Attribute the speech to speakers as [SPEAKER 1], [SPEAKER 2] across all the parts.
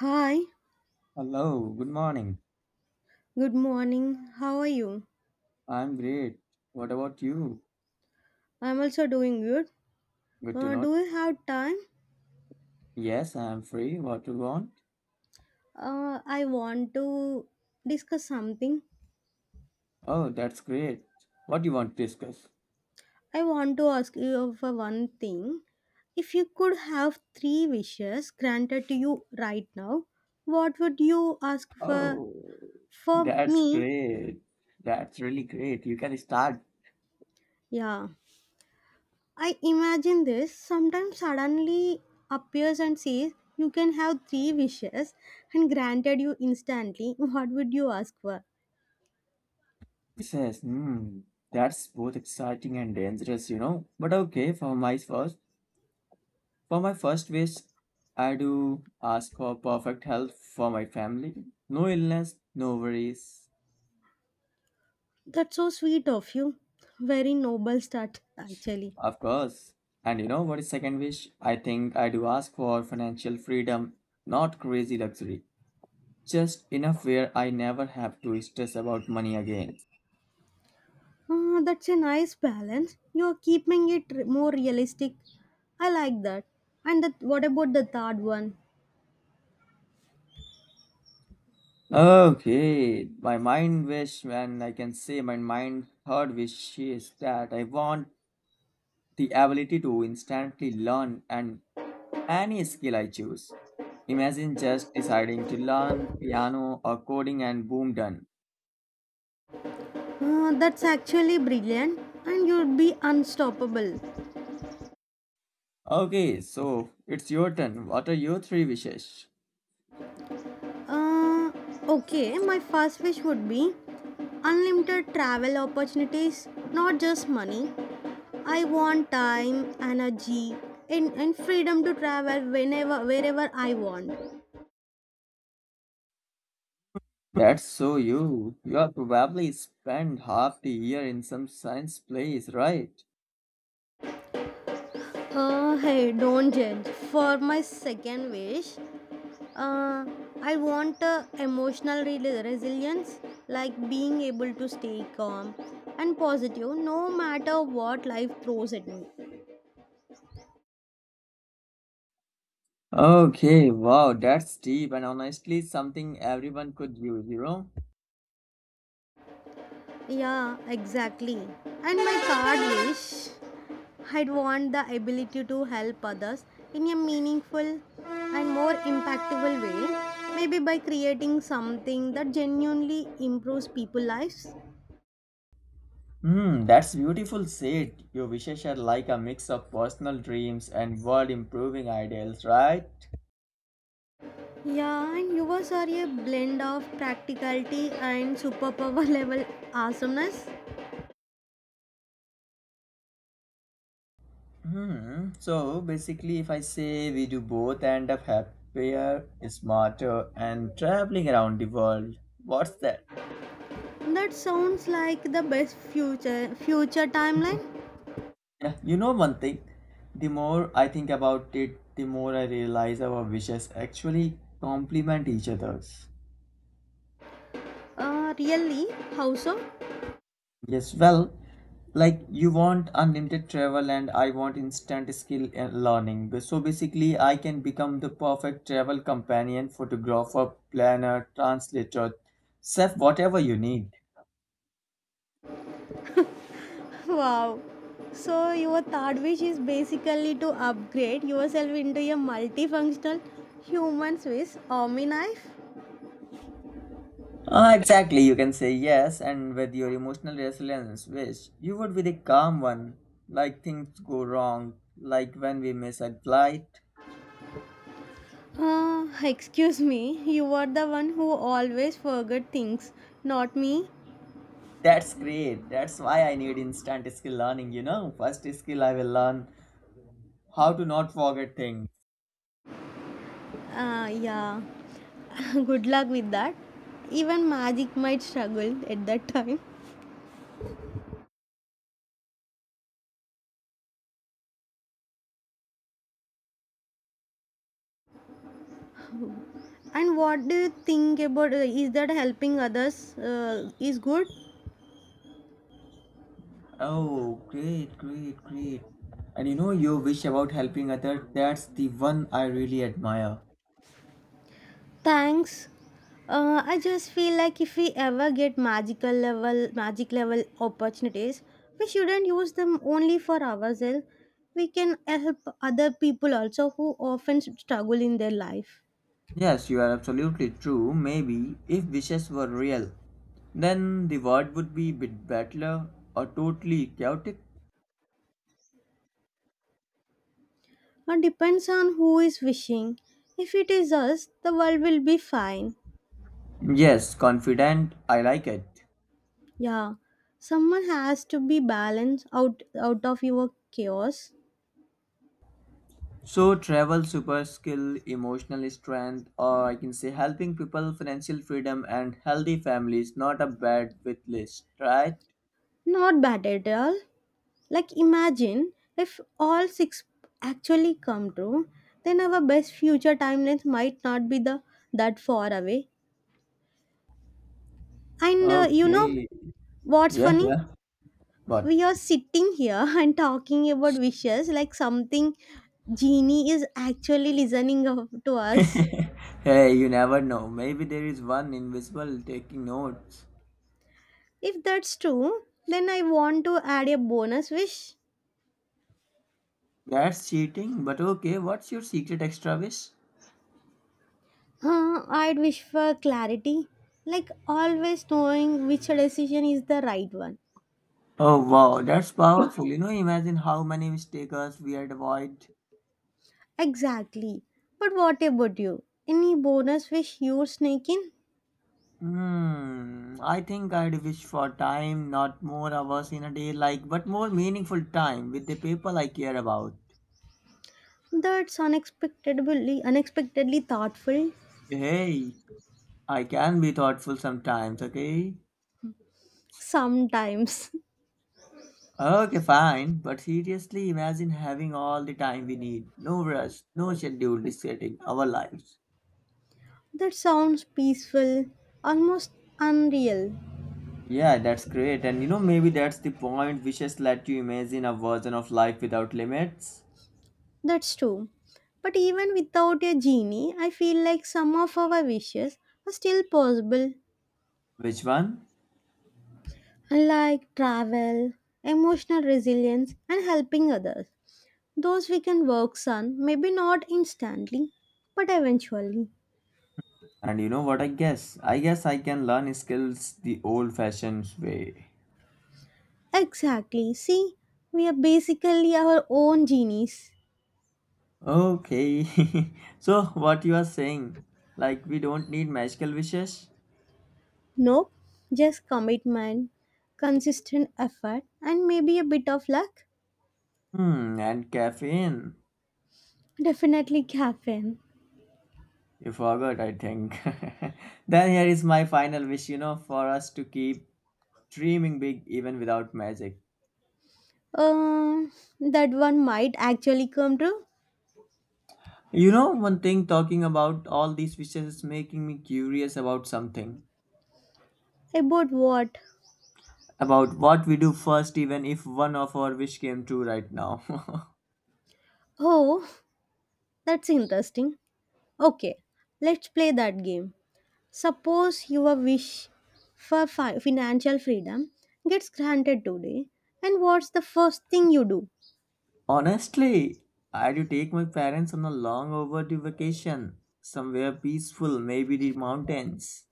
[SPEAKER 1] Hi,
[SPEAKER 2] Hello, good morning.
[SPEAKER 1] good morning. How are you?
[SPEAKER 2] I'm great. What about you?
[SPEAKER 1] I'm also doing good.
[SPEAKER 2] Good to know.
[SPEAKER 1] Do you have time?
[SPEAKER 2] Yes, I'm free. What do you want?
[SPEAKER 1] I want to discuss something.
[SPEAKER 2] Oh, that's great. What do you want to discuss?
[SPEAKER 1] I want to ask you for one thing. If you could have three wishes granted to you right now, what would you ask for?
[SPEAKER 2] Oh,
[SPEAKER 1] For
[SPEAKER 2] that's
[SPEAKER 1] me,
[SPEAKER 2] great. That's really great. You can start.
[SPEAKER 1] yeah. I imagine this sometimes suddenly appears and says, you can have three wishes and granted you instantly. What would you ask for?
[SPEAKER 2] Says, hmm, that's both exciting and dangerous, you know. But okay, for my first wish, I do ask for perfect health for my family. No illness, no worries.
[SPEAKER 1] That's so sweet of you. Very noble start, actually.
[SPEAKER 2] Of course. And you know what is second wish? I think I do ask for financial freedom, not crazy luxury. Just enough where I never have to stress about money again.
[SPEAKER 1] Ah, that's a nice balance. You're keeping it more realistic. I like that. And that, what about the third one?
[SPEAKER 2] Okay, my mind wish, and I can say my mind third wish is that I want the ability to instantly learn and any skill I choose. Imagine just deciding to learn piano or coding and boom done.
[SPEAKER 1] Ah, that's actually brilliant, and you'd be unstoppable.
[SPEAKER 2] Okay, so it's your turn. What are your three wishes?
[SPEAKER 1] Uh, okay, my first wish would be unlimited travel opportunities, not just money. I want time, energy, and freedom to travel whenever, wherever I want.
[SPEAKER 2] That's so you. You have probably spent half the year in some science place, right?
[SPEAKER 1] Hey, don't judge. For my second wish, uh, I want emotional resilience, like being able to stay calm and positive no matter what life throws at me.
[SPEAKER 2] Okay, wow, that's deep and honestly something everyone could use, you know?
[SPEAKER 1] Yeah, exactly. And my third wish, I'd want the ability to help others in a meaningful and more impactful way, maybe by creating something that genuinely improves people's lives.
[SPEAKER 2] Hmm, that's beautiful said. Your wishes are like a mix of personal dreams and world improving ideals, right?
[SPEAKER 1] Yeah, and yours are a blend of practicality and superpower level awesomeness.
[SPEAKER 2] Hmm, so basically, if I say we do both end up happier, smarter, and traveling around the world, what's that?
[SPEAKER 1] That sounds like the best future timeline.
[SPEAKER 2] Yeah, you know one thing, the more I think about it, the more I realize our wishes actually complement each other's.
[SPEAKER 1] Really? How so?
[SPEAKER 2] Yes, well, like you want unlimited travel and I want instant skill and learning. But so basically, I can become the perfect travel companion, photographer, planner, translator, chef, whatever you need.
[SPEAKER 1] Wow. So your third wish is basically to upgrade yourself into a multifunctional human Swiss army knife.
[SPEAKER 2] Ah, exactly. You can say yes, and with your emotional resilience, which you would be the calm one, like things go wrong, like when we miss a flight.
[SPEAKER 1] Excuse me, you are the one who always forget things, not me.
[SPEAKER 2] That's great. That's why I need instant skill learning, you know. First skill I will learn how to not forget things.
[SPEAKER 1] Yeah, good luck with that. Even magic might struggle at that time. And what do you think about is that helping others is good?
[SPEAKER 2] Oh, great, great, great. And you know your wish about helping others, that's the one I really admire.
[SPEAKER 1] Thanks. I just feel like if we ever get magical level magic level opportunities, we shouldn't use them only for ourselves. We can help other people also who often struggle in their life.
[SPEAKER 2] Yes, you are absolutely true. Maybe if wishes were real, then the world would be a bit better or totally chaotic.
[SPEAKER 1] It depends on who is wishing. If it is us, the world will be fine.
[SPEAKER 2] Yes, confident, I like it.
[SPEAKER 1] Yeah, someone has to be balanced out of your chaos.
[SPEAKER 2] So, travel, super skill, emotional strength, or I can say helping people, financial freedom, and healthy families. Not a bad with list, right?
[SPEAKER 1] Not bad at all. Like imagine if all six actually come true, then our best future timelines might not be the that far away. And you know
[SPEAKER 2] Okay.
[SPEAKER 1] what's
[SPEAKER 2] Yeah,
[SPEAKER 1] funny?
[SPEAKER 2] yeah. But
[SPEAKER 1] We are sitting here and talking about wishes like something genie is actually listening to us.
[SPEAKER 2] hey, you never know. Maybe there is one invisible taking notes.
[SPEAKER 1] If that's true, then I want to add a bonus wish.
[SPEAKER 2] That's cheating, but okay, what's your secret extra wish?
[SPEAKER 1] Huh, I'd wish for clarity, like always knowing which decision is the right one.
[SPEAKER 2] Oh wow, that's powerful. You know, imagine how many mistakes we had avoid.
[SPEAKER 1] Exactly. But what about you? Any bonus wish you're sneaking?
[SPEAKER 2] Hmm, I think I'd wish for time, not more hours in a day, like, but more meaningful time with the people I care about.
[SPEAKER 1] That's unexpectedly thoughtful.
[SPEAKER 2] Hey, I can be thoughtful sometimes, okay?
[SPEAKER 1] Sometimes.
[SPEAKER 2] Okay, fine, but seriously, imagine having all the time we need. No rush, no schedule dictating our lives.
[SPEAKER 1] That sounds peaceful, almost unreal.
[SPEAKER 2] Yeah, that's great. And you know, maybe that's the point. Wishes let you imagine a version of life without limits.
[SPEAKER 1] That's true. But even without a genie, I feel like some of our wishes are still possible,
[SPEAKER 2] Which one?
[SPEAKER 1] like travel, emotional resilience, and helping others. Those we can work on, maybe not instantly, but eventually.
[SPEAKER 2] And you know what I guess? I guess I can learn skills the old-fashioned way.
[SPEAKER 1] Exactly. See, we are basically our own genies.
[SPEAKER 2] Okay. So what you are saying? Like we don't need magical wishes?
[SPEAKER 1] Nope, just commitment, consistent effort, and maybe a bit of luck.
[SPEAKER 2] Hmm, and caffeine.
[SPEAKER 1] Definitely caffeine.
[SPEAKER 2] You forgot, I think. Then here is my final wish, you know, for us to keep dreaming big even without magic.
[SPEAKER 1] Um, that one might actually come true.
[SPEAKER 2] You know, one thing talking about all these wishes is making me curious about something.
[SPEAKER 1] About what?
[SPEAKER 2] About what we do first, even if one of our wish came true right now.
[SPEAKER 1] Oh, that's interesting. Okay, let's play that game. Suppose your wish for financial freedom gets granted today, and what's the first thing you do?
[SPEAKER 2] Honestly, I do take my parents on a long overdue vacation, somewhere peaceful, maybe the mountains.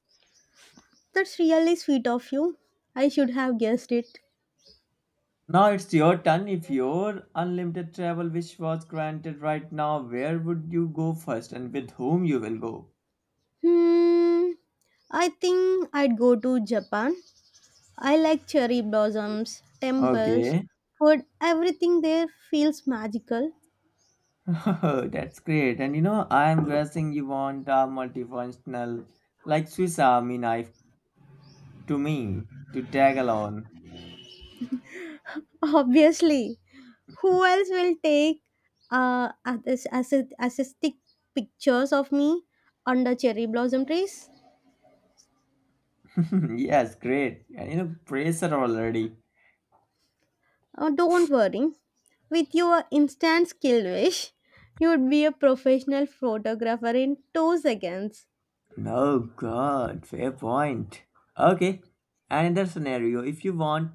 [SPEAKER 1] That's really sweet of you. I should have guessed it.
[SPEAKER 2] Now it's your turn. If your unlimited travel wish was granted right now, where would you go first and with whom you will go?
[SPEAKER 1] Hmm, I think I'd go to Japan. I like cherry blossoms, temples,
[SPEAKER 2] Okay.
[SPEAKER 1] food, everything there feels magical.
[SPEAKER 2] Oh, that's great. And you know, I'm guessing you want a multifunctional like Swiss Army knife to me to tag along.
[SPEAKER 1] Obviously, who else will take artistic pictures of me under cherry blossom trees?
[SPEAKER 2] Yes, great. And you know, pressure already.
[SPEAKER 1] Oh, don't worry. With your instant skill wish, you'd be a professional photographer in 2 seconds.
[SPEAKER 2] Oh God, fair point. Okay, another scenario. If you want,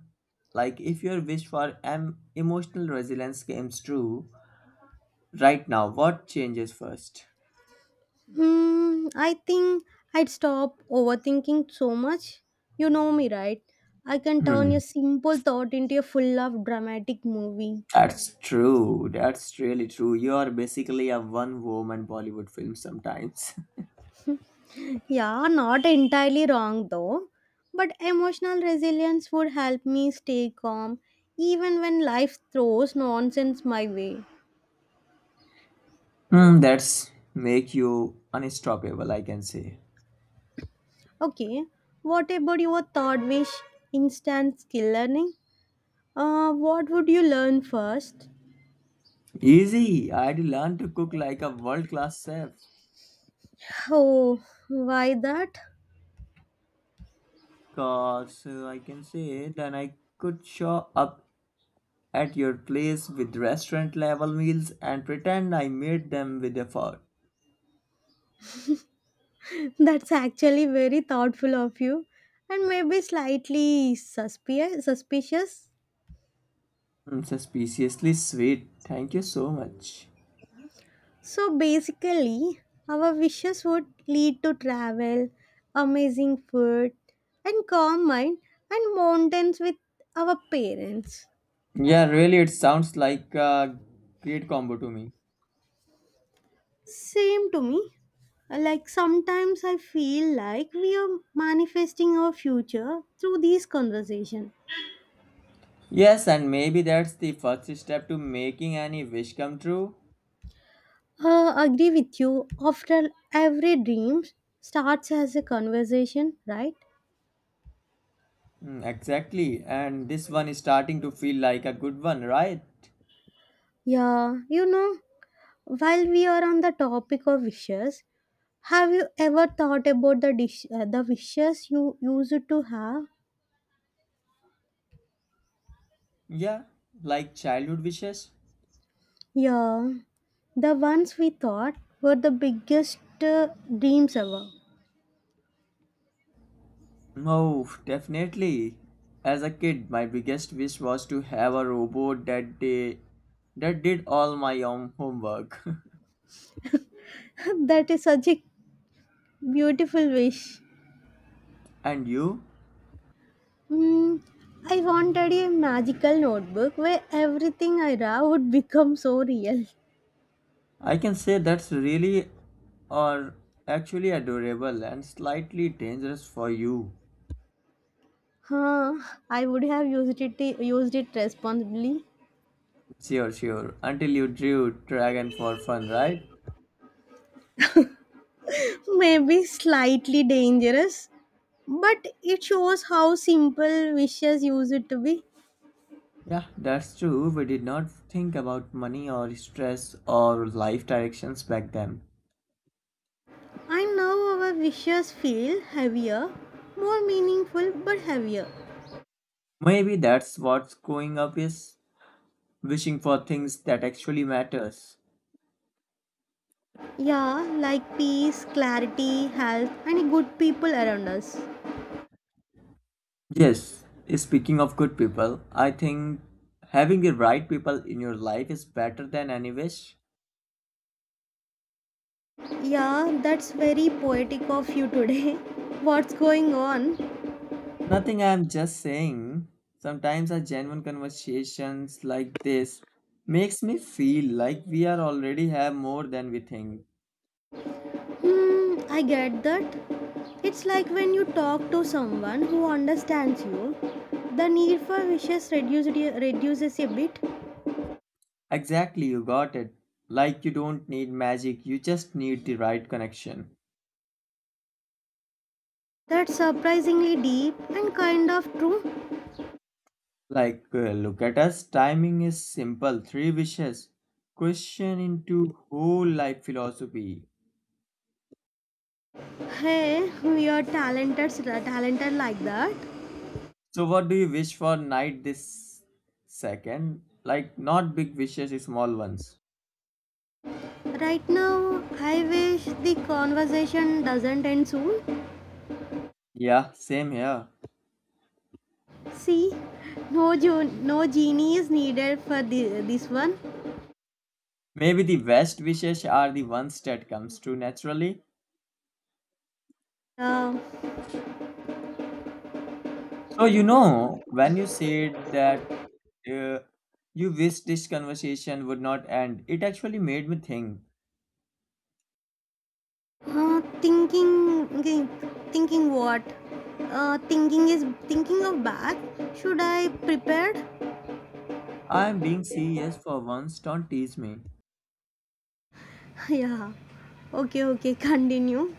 [SPEAKER 2] like, if your wish for emotional resilience comes true right now, what changes first?
[SPEAKER 1] Hmm, I think I'd stop overthinking so much. You know me, right? I can turn
[SPEAKER 2] Hmm.
[SPEAKER 1] your simple thought into a full of dramatic movie.
[SPEAKER 2] That's true. That's really true. You're basically a one-woman Bollywood film sometimes.
[SPEAKER 1] Yeah, not entirely wrong though. But emotional resilience would help me stay calm even when life throws nonsense my way.
[SPEAKER 2] Hmm, that's make you unstoppable, I can say.
[SPEAKER 1] Okay, what about your third wish, instant skill learning? What would you learn first?
[SPEAKER 2] Easy. I had learned to cook like a world-class chef.
[SPEAKER 1] Oh, why that?
[SPEAKER 2] Cause I can say then I could show up at your place with restaurant level meals and pretend I made them with effort.
[SPEAKER 1] That's actually very thoughtful of you and maybe slightly suspicious.
[SPEAKER 2] Mm, suspiciously sweet. Thank you so much.
[SPEAKER 1] So basically, our wishes would lead to travel, amazing food, and calm mind and mountains with our parents.
[SPEAKER 2] Yeah, really, it sounds like a great combo to me.
[SPEAKER 1] Same to me. Like sometimes I feel like we are manifesting our future through these conversations.
[SPEAKER 2] Yes, and maybe that's the first step to making any wish come true.
[SPEAKER 1] Agree with you. After every dream starts as a conversation, right?
[SPEAKER 2] Mm, exactly, and this one is starting to feel like a good one, right?
[SPEAKER 1] Yeah, while we are on the topic of wishes, have you ever thought about the wishes you used to have?
[SPEAKER 2] Yeah, like childhood wishes.
[SPEAKER 1] Yeah, the ones we thought were the biggest uh, dreams ever.
[SPEAKER 2] Oh, definitely. As a kid, my biggest wish was to have a robot that day that did all my own homework.
[SPEAKER 1] That is such a beautiful wish.
[SPEAKER 2] And you?
[SPEAKER 1] Hmm. I wanted a magical notebook where everything I draw would become so real.
[SPEAKER 2] I can say that's really or actually adorable and slightly dangerous for you.
[SPEAKER 1] Huh, I would have used it responsibly.
[SPEAKER 2] Sure, sure. Until you drew dragon for fun, right?
[SPEAKER 1] Maybe slightly dangerous, but it shows how simple wishes used to be.
[SPEAKER 2] Yeah, that's true. We did not think about money or stress or life directions back then.
[SPEAKER 1] I know our wishes feel heavier, more meaningful but heavier.
[SPEAKER 2] Maybe that's what growing up is, wishing for things that actually matters.
[SPEAKER 1] Yeah, like peace, clarity, health, and good people around us.
[SPEAKER 2] Yes, speaking of good people, I think having the right people in your life is better than any wish.
[SPEAKER 1] Yeah, that's very poetic of you today. What's going on?
[SPEAKER 2] Nothing, I'm just saying. Sometimes a genuine conversations like this makes me feel like we are already have more than we think.
[SPEAKER 1] Hmm, I get that. It's like when you talk to someone who understands you, the need for wishes reduces a bit.
[SPEAKER 2] Exactly, you got it. Like you don't need magic, you just need the right connection.
[SPEAKER 1] That's surprisingly deep and kind of true.
[SPEAKER 2] Like look at us, timing is simple, three wishes. Question into whole life philosophy.
[SPEAKER 1] Hey, we are talented like that.
[SPEAKER 2] So what do you wish for night this second? Like not big wishes, small ones.
[SPEAKER 1] Right now, I wish the conversation doesn't end soon.
[SPEAKER 2] Yeah, same here.
[SPEAKER 1] See, no genie is needed for this one.
[SPEAKER 2] Maybe the best wishes are the ones that comes true naturally.
[SPEAKER 1] Um,
[SPEAKER 2] So you know, when you said that uh, you wish this conversation would not end, it actually made me think.
[SPEAKER 1] Thinking okay, thinking what thinking is thinking of bath should I prepared.
[SPEAKER 2] I am being serious for once. Don't tease me.
[SPEAKER 1] Yeah, okay, okay, continue.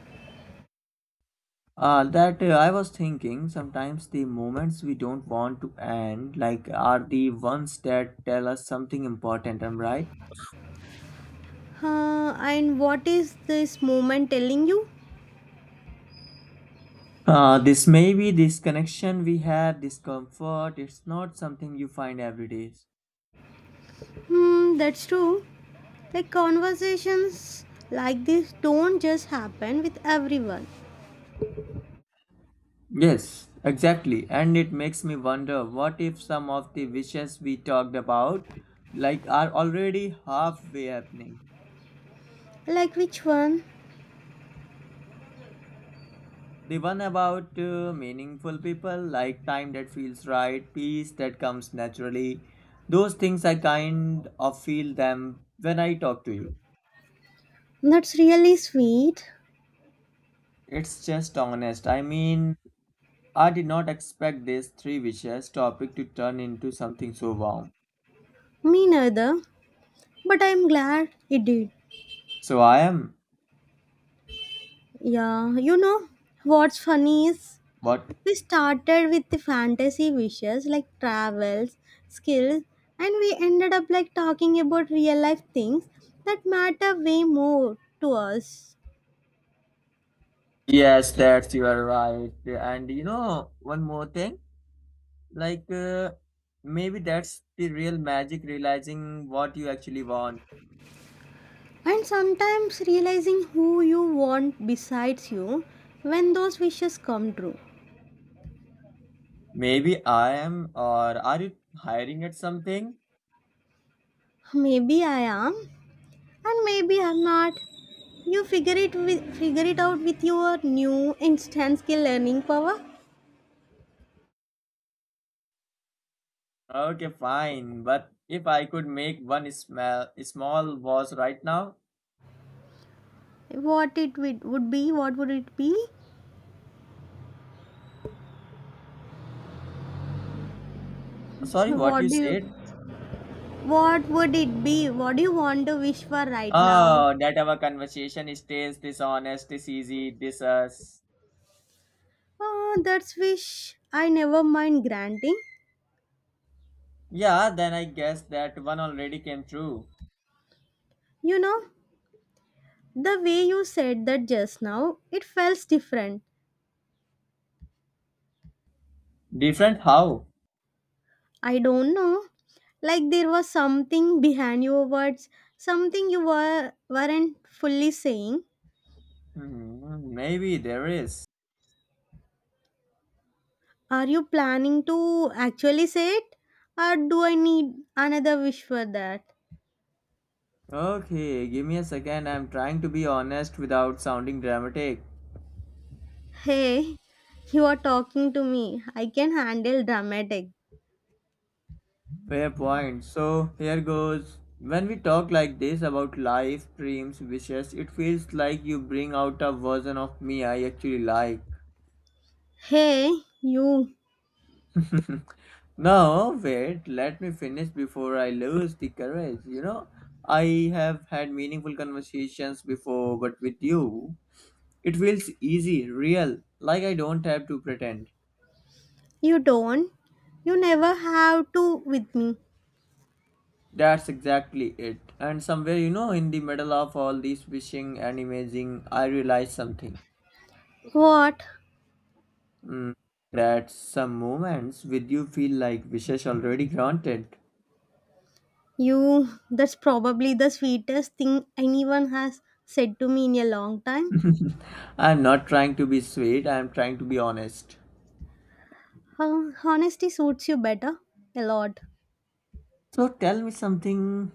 [SPEAKER 2] That I was thinking sometimes the moments we don't want to end, like, are the ones that tell us something important. Am I right?
[SPEAKER 1] And what is this moment telling you?
[SPEAKER 2] This may be this connection we have, this comfort. It's not something you find every day.
[SPEAKER 1] Hmm, that's true. Like conversations like this don't just happen with everyone.
[SPEAKER 2] Yes, exactly. And it makes me wonder what if some of the wishes we talked about like are already halfway happening.
[SPEAKER 1] Like which one?
[SPEAKER 2] The one about meaningful people like time that feels right, peace that comes naturally. Those things I kind of feel them when I talk to you.
[SPEAKER 1] That's really sweet.
[SPEAKER 2] It's just honest. I mean, I did not expect this three wishes topic to turn into something so warm.
[SPEAKER 1] Me neither, but I'm glad it did.
[SPEAKER 2] So I am.
[SPEAKER 1] Yeah, you know what's funny is,
[SPEAKER 2] What?
[SPEAKER 1] we started with the fantasy wishes like travels, skills, and we ended up like talking about real life things that matter way more to us.
[SPEAKER 2] Yes, that's you are right. And you know, one more thing, like uh, maybe that's the real magic realizing what you actually want.
[SPEAKER 1] And sometimes realizing who you want besides you when those wishes come true.
[SPEAKER 2] Maybe I am, or are you hiring at something?
[SPEAKER 1] Maybe I am, and maybe I'm not. You figure it out with your new instant skill learning power.
[SPEAKER 2] Okay, fine. But if I could make one small was right now,
[SPEAKER 1] What it would be? What would it be?
[SPEAKER 2] sorry, what
[SPEAKER 1] What
[SPEAKER 2] you
[SPEAKER 1] do you?
[SPEAKER 2] said?
[SPEAKER 1] What would it be? What do you want to wish for right now?
[SPEAKER 2] Oh, that our conversation stays this honest, this easy, this us.
[SPEAKER 1] Ah, that's wish I never mind granting.
[SPEAKER 2] Yeah, then I guess that one already came true.
[SPEAKER 1] You know, the way you said that just now, it felt different.
[SPEAKER 2] Different how?
[SPEAKER 1] I don't know. Like there was something behind your words, something you weren't fully saying.
[SPEAKER 2] Hmm, maybe there is.
[SPEAKER 1] Are you planning to actually say it? Or do I need another wish for that?
[SPEAKER 2] Okay, give me a second. I'm trying to be honest without sounding dramatic.
[SPEAKER 1] Hey, you are talking to me. I can handle dramatic.
[SPEAKER 2] Fair point. So, here goes. When we talk like this about life, dreams, wishes, it feels like you bring out a version of me I actually like.
[SPEAKER 1] Hey, you.
[SPEAKER 2] No, wait, let me finish before I lose the courage. You know, I have had meaningful conversations before, but with you, it feels easy, real, like I don't have to pretend.
[SPEAKER 1] You don't. You never have to with me.
[SPEAKER 2] That's exactly it. And somewhere, you know, in the middle of all this wishing and imaging, I realized something.
[SPEAKER 1] What?
[SPEAKER 2] Mm, that some moments with you feel like wishes already granted.
[SPEAKER 1] You. That's probably the sweetest thing anyone has said to me in a long time.
[SPEAKER 2] I'm not trying to be sweet, I'm trying to be honest.
[SPEAKER 1] Huh, honesty suits you better. A lot.
[SPEAKER 2] So tell me something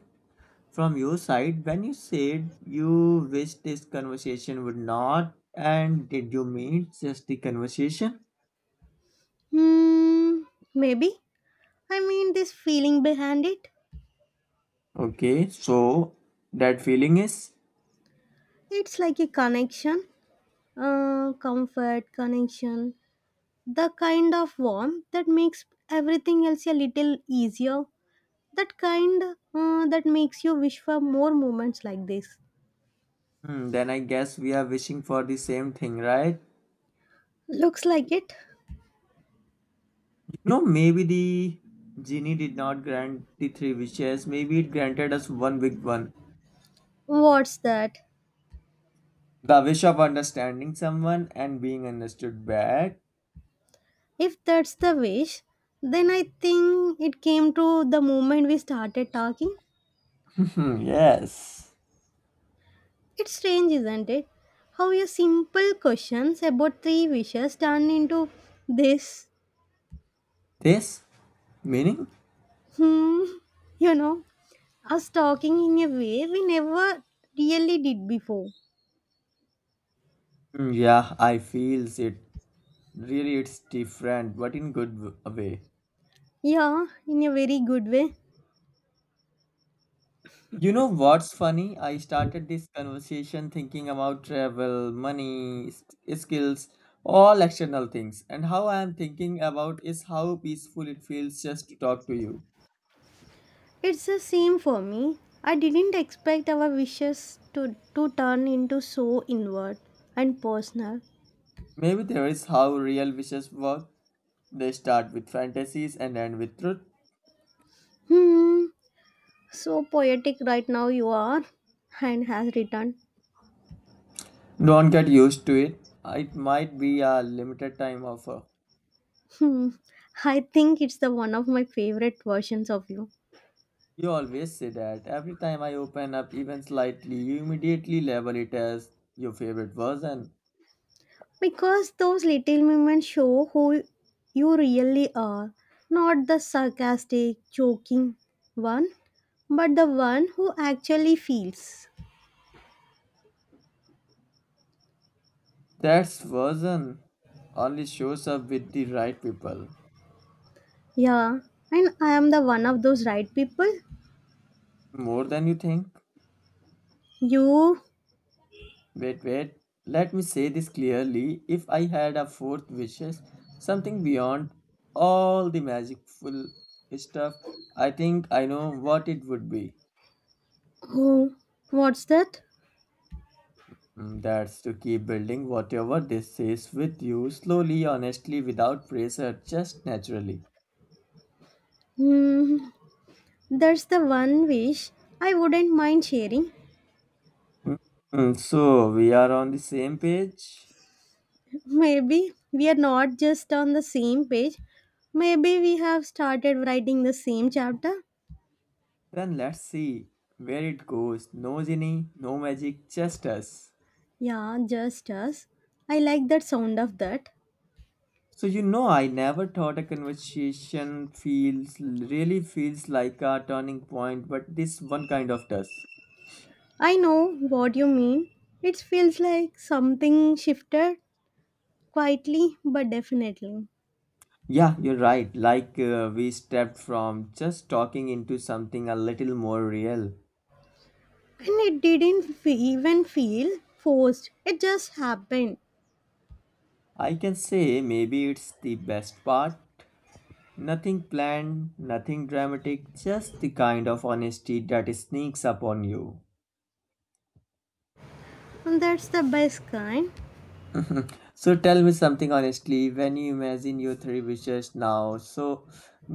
[SPEAKER 2] from your side. When you said you wish this conversation would not, and did you mean just the conversation?
[SPEAKER 1] Hmm. Maybe. I mean, this feeling behind it.
[SPEAKER 2] Okay, so that feeling is?
[SPEAKER 1] It's like a connection. Comfort, connection. The kind of warmth that makes everything else a little easier, that makes you wish for more moments like this.
[SPEAKER 2] Hmm, then I guess we are wishing for the same thing, right?
[SPEAKER 1] Looks like it.
[SPEAKER 2] You know, maybe the genie did not grant the three wishes. Maybe it granted us one big one.
[SPEAKER 1] What's that?
[SPEAKER 2] The wish of understanding someone and being understood back.
[SPEAKER 1] If that's the wish, then I think it came to the moment we started talking.
[SPEAKER 2] Hmm. Yes.
[SPEAKER 1] It's strange, isn't it? How your simple questions about three wishes turn into this,
[SPEAKER 2] This meaning?
[SPEAKER 1] hmm, you know, us talking in a way we never really did before.
[SPEAKER 2] Hmm, yeah, I feels it. Really, it's different, but in way.
[SPEAKER 1] Yeah, in a very good way.
[SPEAKER 2] You know what's funny? I started this conversation thinking about travel, money, skills, all external things. And how I am thinking about is how peaceful it feels just to talk to you.
[SPEAKER 1] It's the same for me. I didn't expect our wishes to turn into so inward and personal.
[SPEAKER 2] Maybe there is how real wishes work. They start with fantasies and end with truth.
[SPEAKER 1] Hmm, so poetic right now you are, and has returned.
[SPEAKER 2] Don't get used to it. It might be a limited time offer.
[SPEAKER 1] Hmm, I think it's the one of my favorite versions of you.
[SPEAKER 2] You always say that. Every time I open up even slightly, you immediately label it as your favorite version.
[SPEAKER 1] Because those little moments show who you really are. Not the sarcastic, joking one, but the one who actually feels.
[SPEAKER 2] That version only shows up with the right people.
[SPEAKER 1] Yeah, and I am the one of those right people.
[SPEAKER 2] More than you think.
[SPEAKER 1] You,
[SPEAKER 2] Wait, wait. Let me say this clearly. If I had a fourth wishes, something beyond all the magicful stuff, I think I know what it would be.
[SPEAKER 1] who, what's that?
[SPEAKER 2] Mm, that's to keep building whatever this is with you slowly, honestly, without pressure, just naturally.
[SPEAKER 1] Hmm, that's the one wish I wouldn't mind sharing.
[SPEAKER 2] Mm, so, we are on the same page?
[SPEAKER 1] Maybe we are not just on the same page. Maybe we have started writing the same chapter.
[SPEAKER 2] Then let's see where it goes. No genie, no magic, just us.
[SPEAKER 1] Yeah, just us. I like that sound of that.
[SPEAKER 2] So you know, I never thought a conversation feels really feels like a turning point, but this one kind of does.
[SPEAKER 1] I know what you mean. It feels like something shifted quietly but definitely.
[SPEAKER 2] Yeah, you're right. Like we stepped from just talking into something a little more real.
[SPEAKER 1] And it didn't even feel forced. It just happened.
[SPEAKER 2] I can say maybe it's the best part. Nothing planned, nothing dramatic, just the kind of honesty that sneaks up on you.
[SPEAKER 1] And that's the best kind.
[SPEAKER 2] So tell me something honestly, when you imagine your three wishes now, so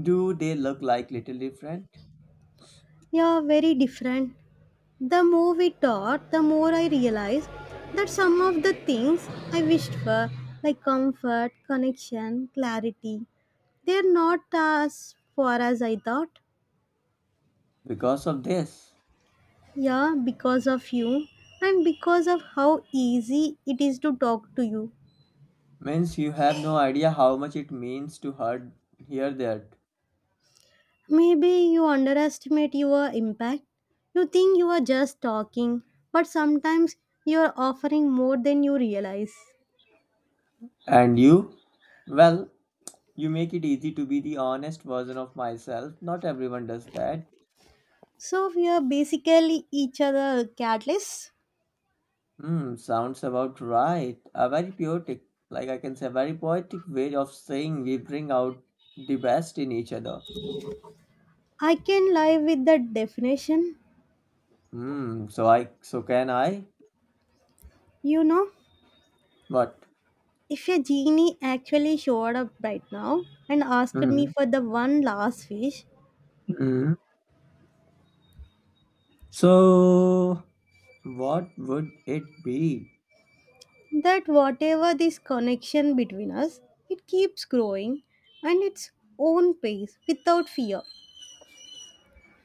[SPEAKER 2] do they look like little different?
[SPEAKER 1] You're very different. The more we talked, the more I realized that some of the things I wished for, like comfort, connection, clarity, they're not as far as I thought.
[SPEAKER 2] Because of this,
[SPEAKER 1] Yeah, because of you and because of how easy it is to talk to you.
[SPEAKER 2] means you have no idea how much it means to hear that.
[SPEAKER 1] Maybe you underestimate your impact. You think you are just talking, but sometimes you are offering more than you realize.
[SPEAKER 2] And you, well, you make it easy to be the honest version of myself. Not everyone does that.
[SPEAKER 1] So we are basically each other catalysts.
[SPEAKER 2] Hmm, sounds about right. A very poetic, like I can say, very poetic way of saying we bring out the best in each other.
[SPEAKER 1] I can live with that definition.
[SPEAKER 2] Hmm, so I, so can I?
[SPEAKER 1] You know,
[SPEAKER 2] What?
[SPEAKER 1] if a genie actually showed up right now and asked me
[SPEAKER 2] Mhm,
[SPEAKER 1] for the one last wish,
[SPEAKER 2] mhm. So, what would it be?
[SPEAKER 1] that whatever this connection between us, it keeps growing and its own pace without fear.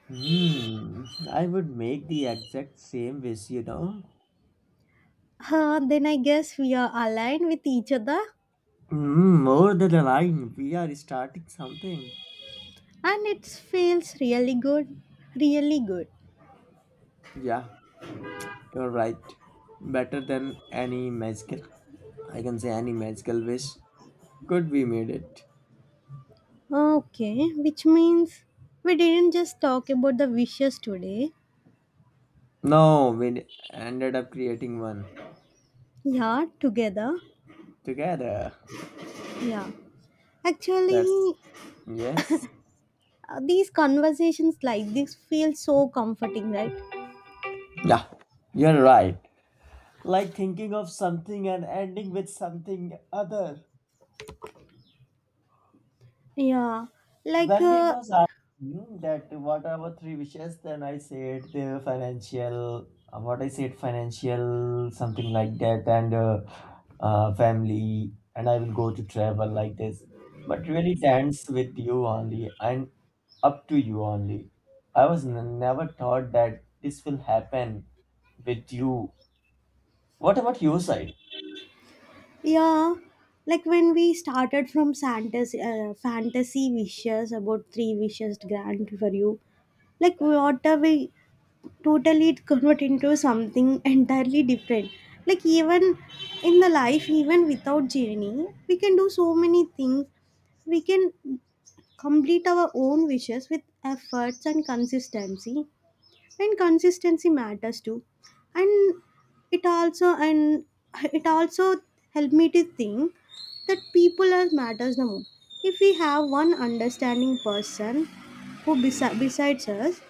[SPEAKER 2] Hmm, I would make the exact same wish, you know.
[SPEAKER 1] Huh, then I guess we are aligned with each other
[SPEAKER 2] Hmm, more than a line, we are starting something.
[SPEAKER 1] and it feels really good. Really good.
[SPEAKER 2] Yeah, you're right. Better than any magical, I can say any magical wish could be made it.
[SPEAKER 1] Okay, which means we didn't just talk about the wishes today.
[SPEAKER 2] No, we ended up creating one
[SPEAKER 1] Yeah, together.
[SPEAKER 2] together.
[SPEAKER 1] Yeah.
[SPEAKER 2] That's
[SPEAKER 1] Actually,
[SPEAKER 2] yes.
[SPEAKER 1] these conversations like this feel so comforting, right?
[SPEAKER 2] Yeah, you're right. Like thinking of something and ending with something other.
[SPEAKER 1] Yeah. Like,
[SPEAKER 2] When we was asking that what are our three wishes, then I said the financial, what I said financial, something like that, and family, and I will go to travel like this. But really dance with you only and up to you only. I was never thought that this will happen with you. What about your side?
[SPEAKER 1] yeah. Like when we started from Santa's fantasy wishes about three wishes grant for you. Like what are we, totally it convert into something entirely different, like even in the life, even without journey we can do so many things, we can complete our own wishes with efforts and consistency matters too, and and it also helped me to think that people are matters the most. If we have one understanding person who besides us,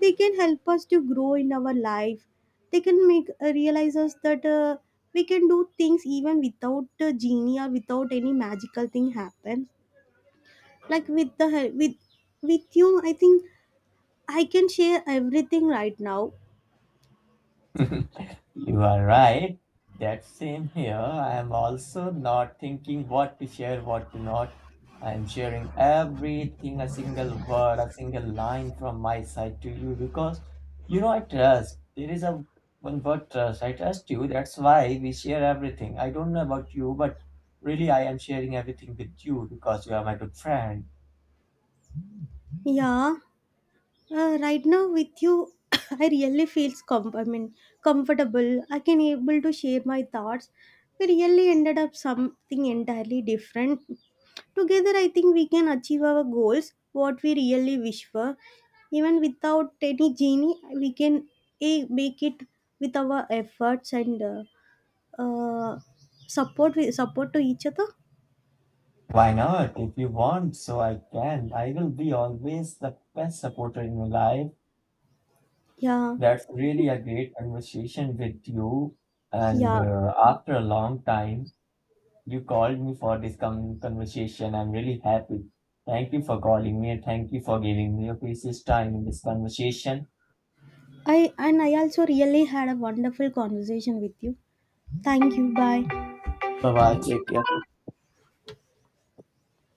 [SPEAKER 1] they can help us to grow in our life, they can make realize us that we can do things even without a genie or without any magical thing happen, like with the hel- with you. I think I can share everything right now.
[SPEAKER 2] You are right. That same here. I am also not thinking what to share, what to not. I am sharing everything, a single word, a single line from my side to you because you know I trust. There is a one word trust. I trust you. That's why we share everything. I don't know about you, but really I am sharing everything with you because you are my good friend.
[SPEAKER 1] Yeah, right now with you I really feels, I mean, comfortable, I can able to share my thoughts. We really ended up something entirely different. Together, I think we can achieve our goals, what we really wish for. Even without any genie, we can make it with our efforts and uh, support, we support to each other.
[SPEAKER 2] Why not? If you want, so I can. I will be always the best supporter in your life.
[SPEAKER 1] Yeah,
[SPEAKER 2] That's really a great conversation with you. And
[SPEAKER 1] yeah.
[SPEAKER 2] after a long time, you called me for this conversation. I'm really happy. Thank you for calling me and thank you for giving me your precious time in this conversation.
[SPEAKER 1] I also really had a wonderful conversation with you. Thank you. Bye.
[SPEAKER 2] Bye bye. Take care.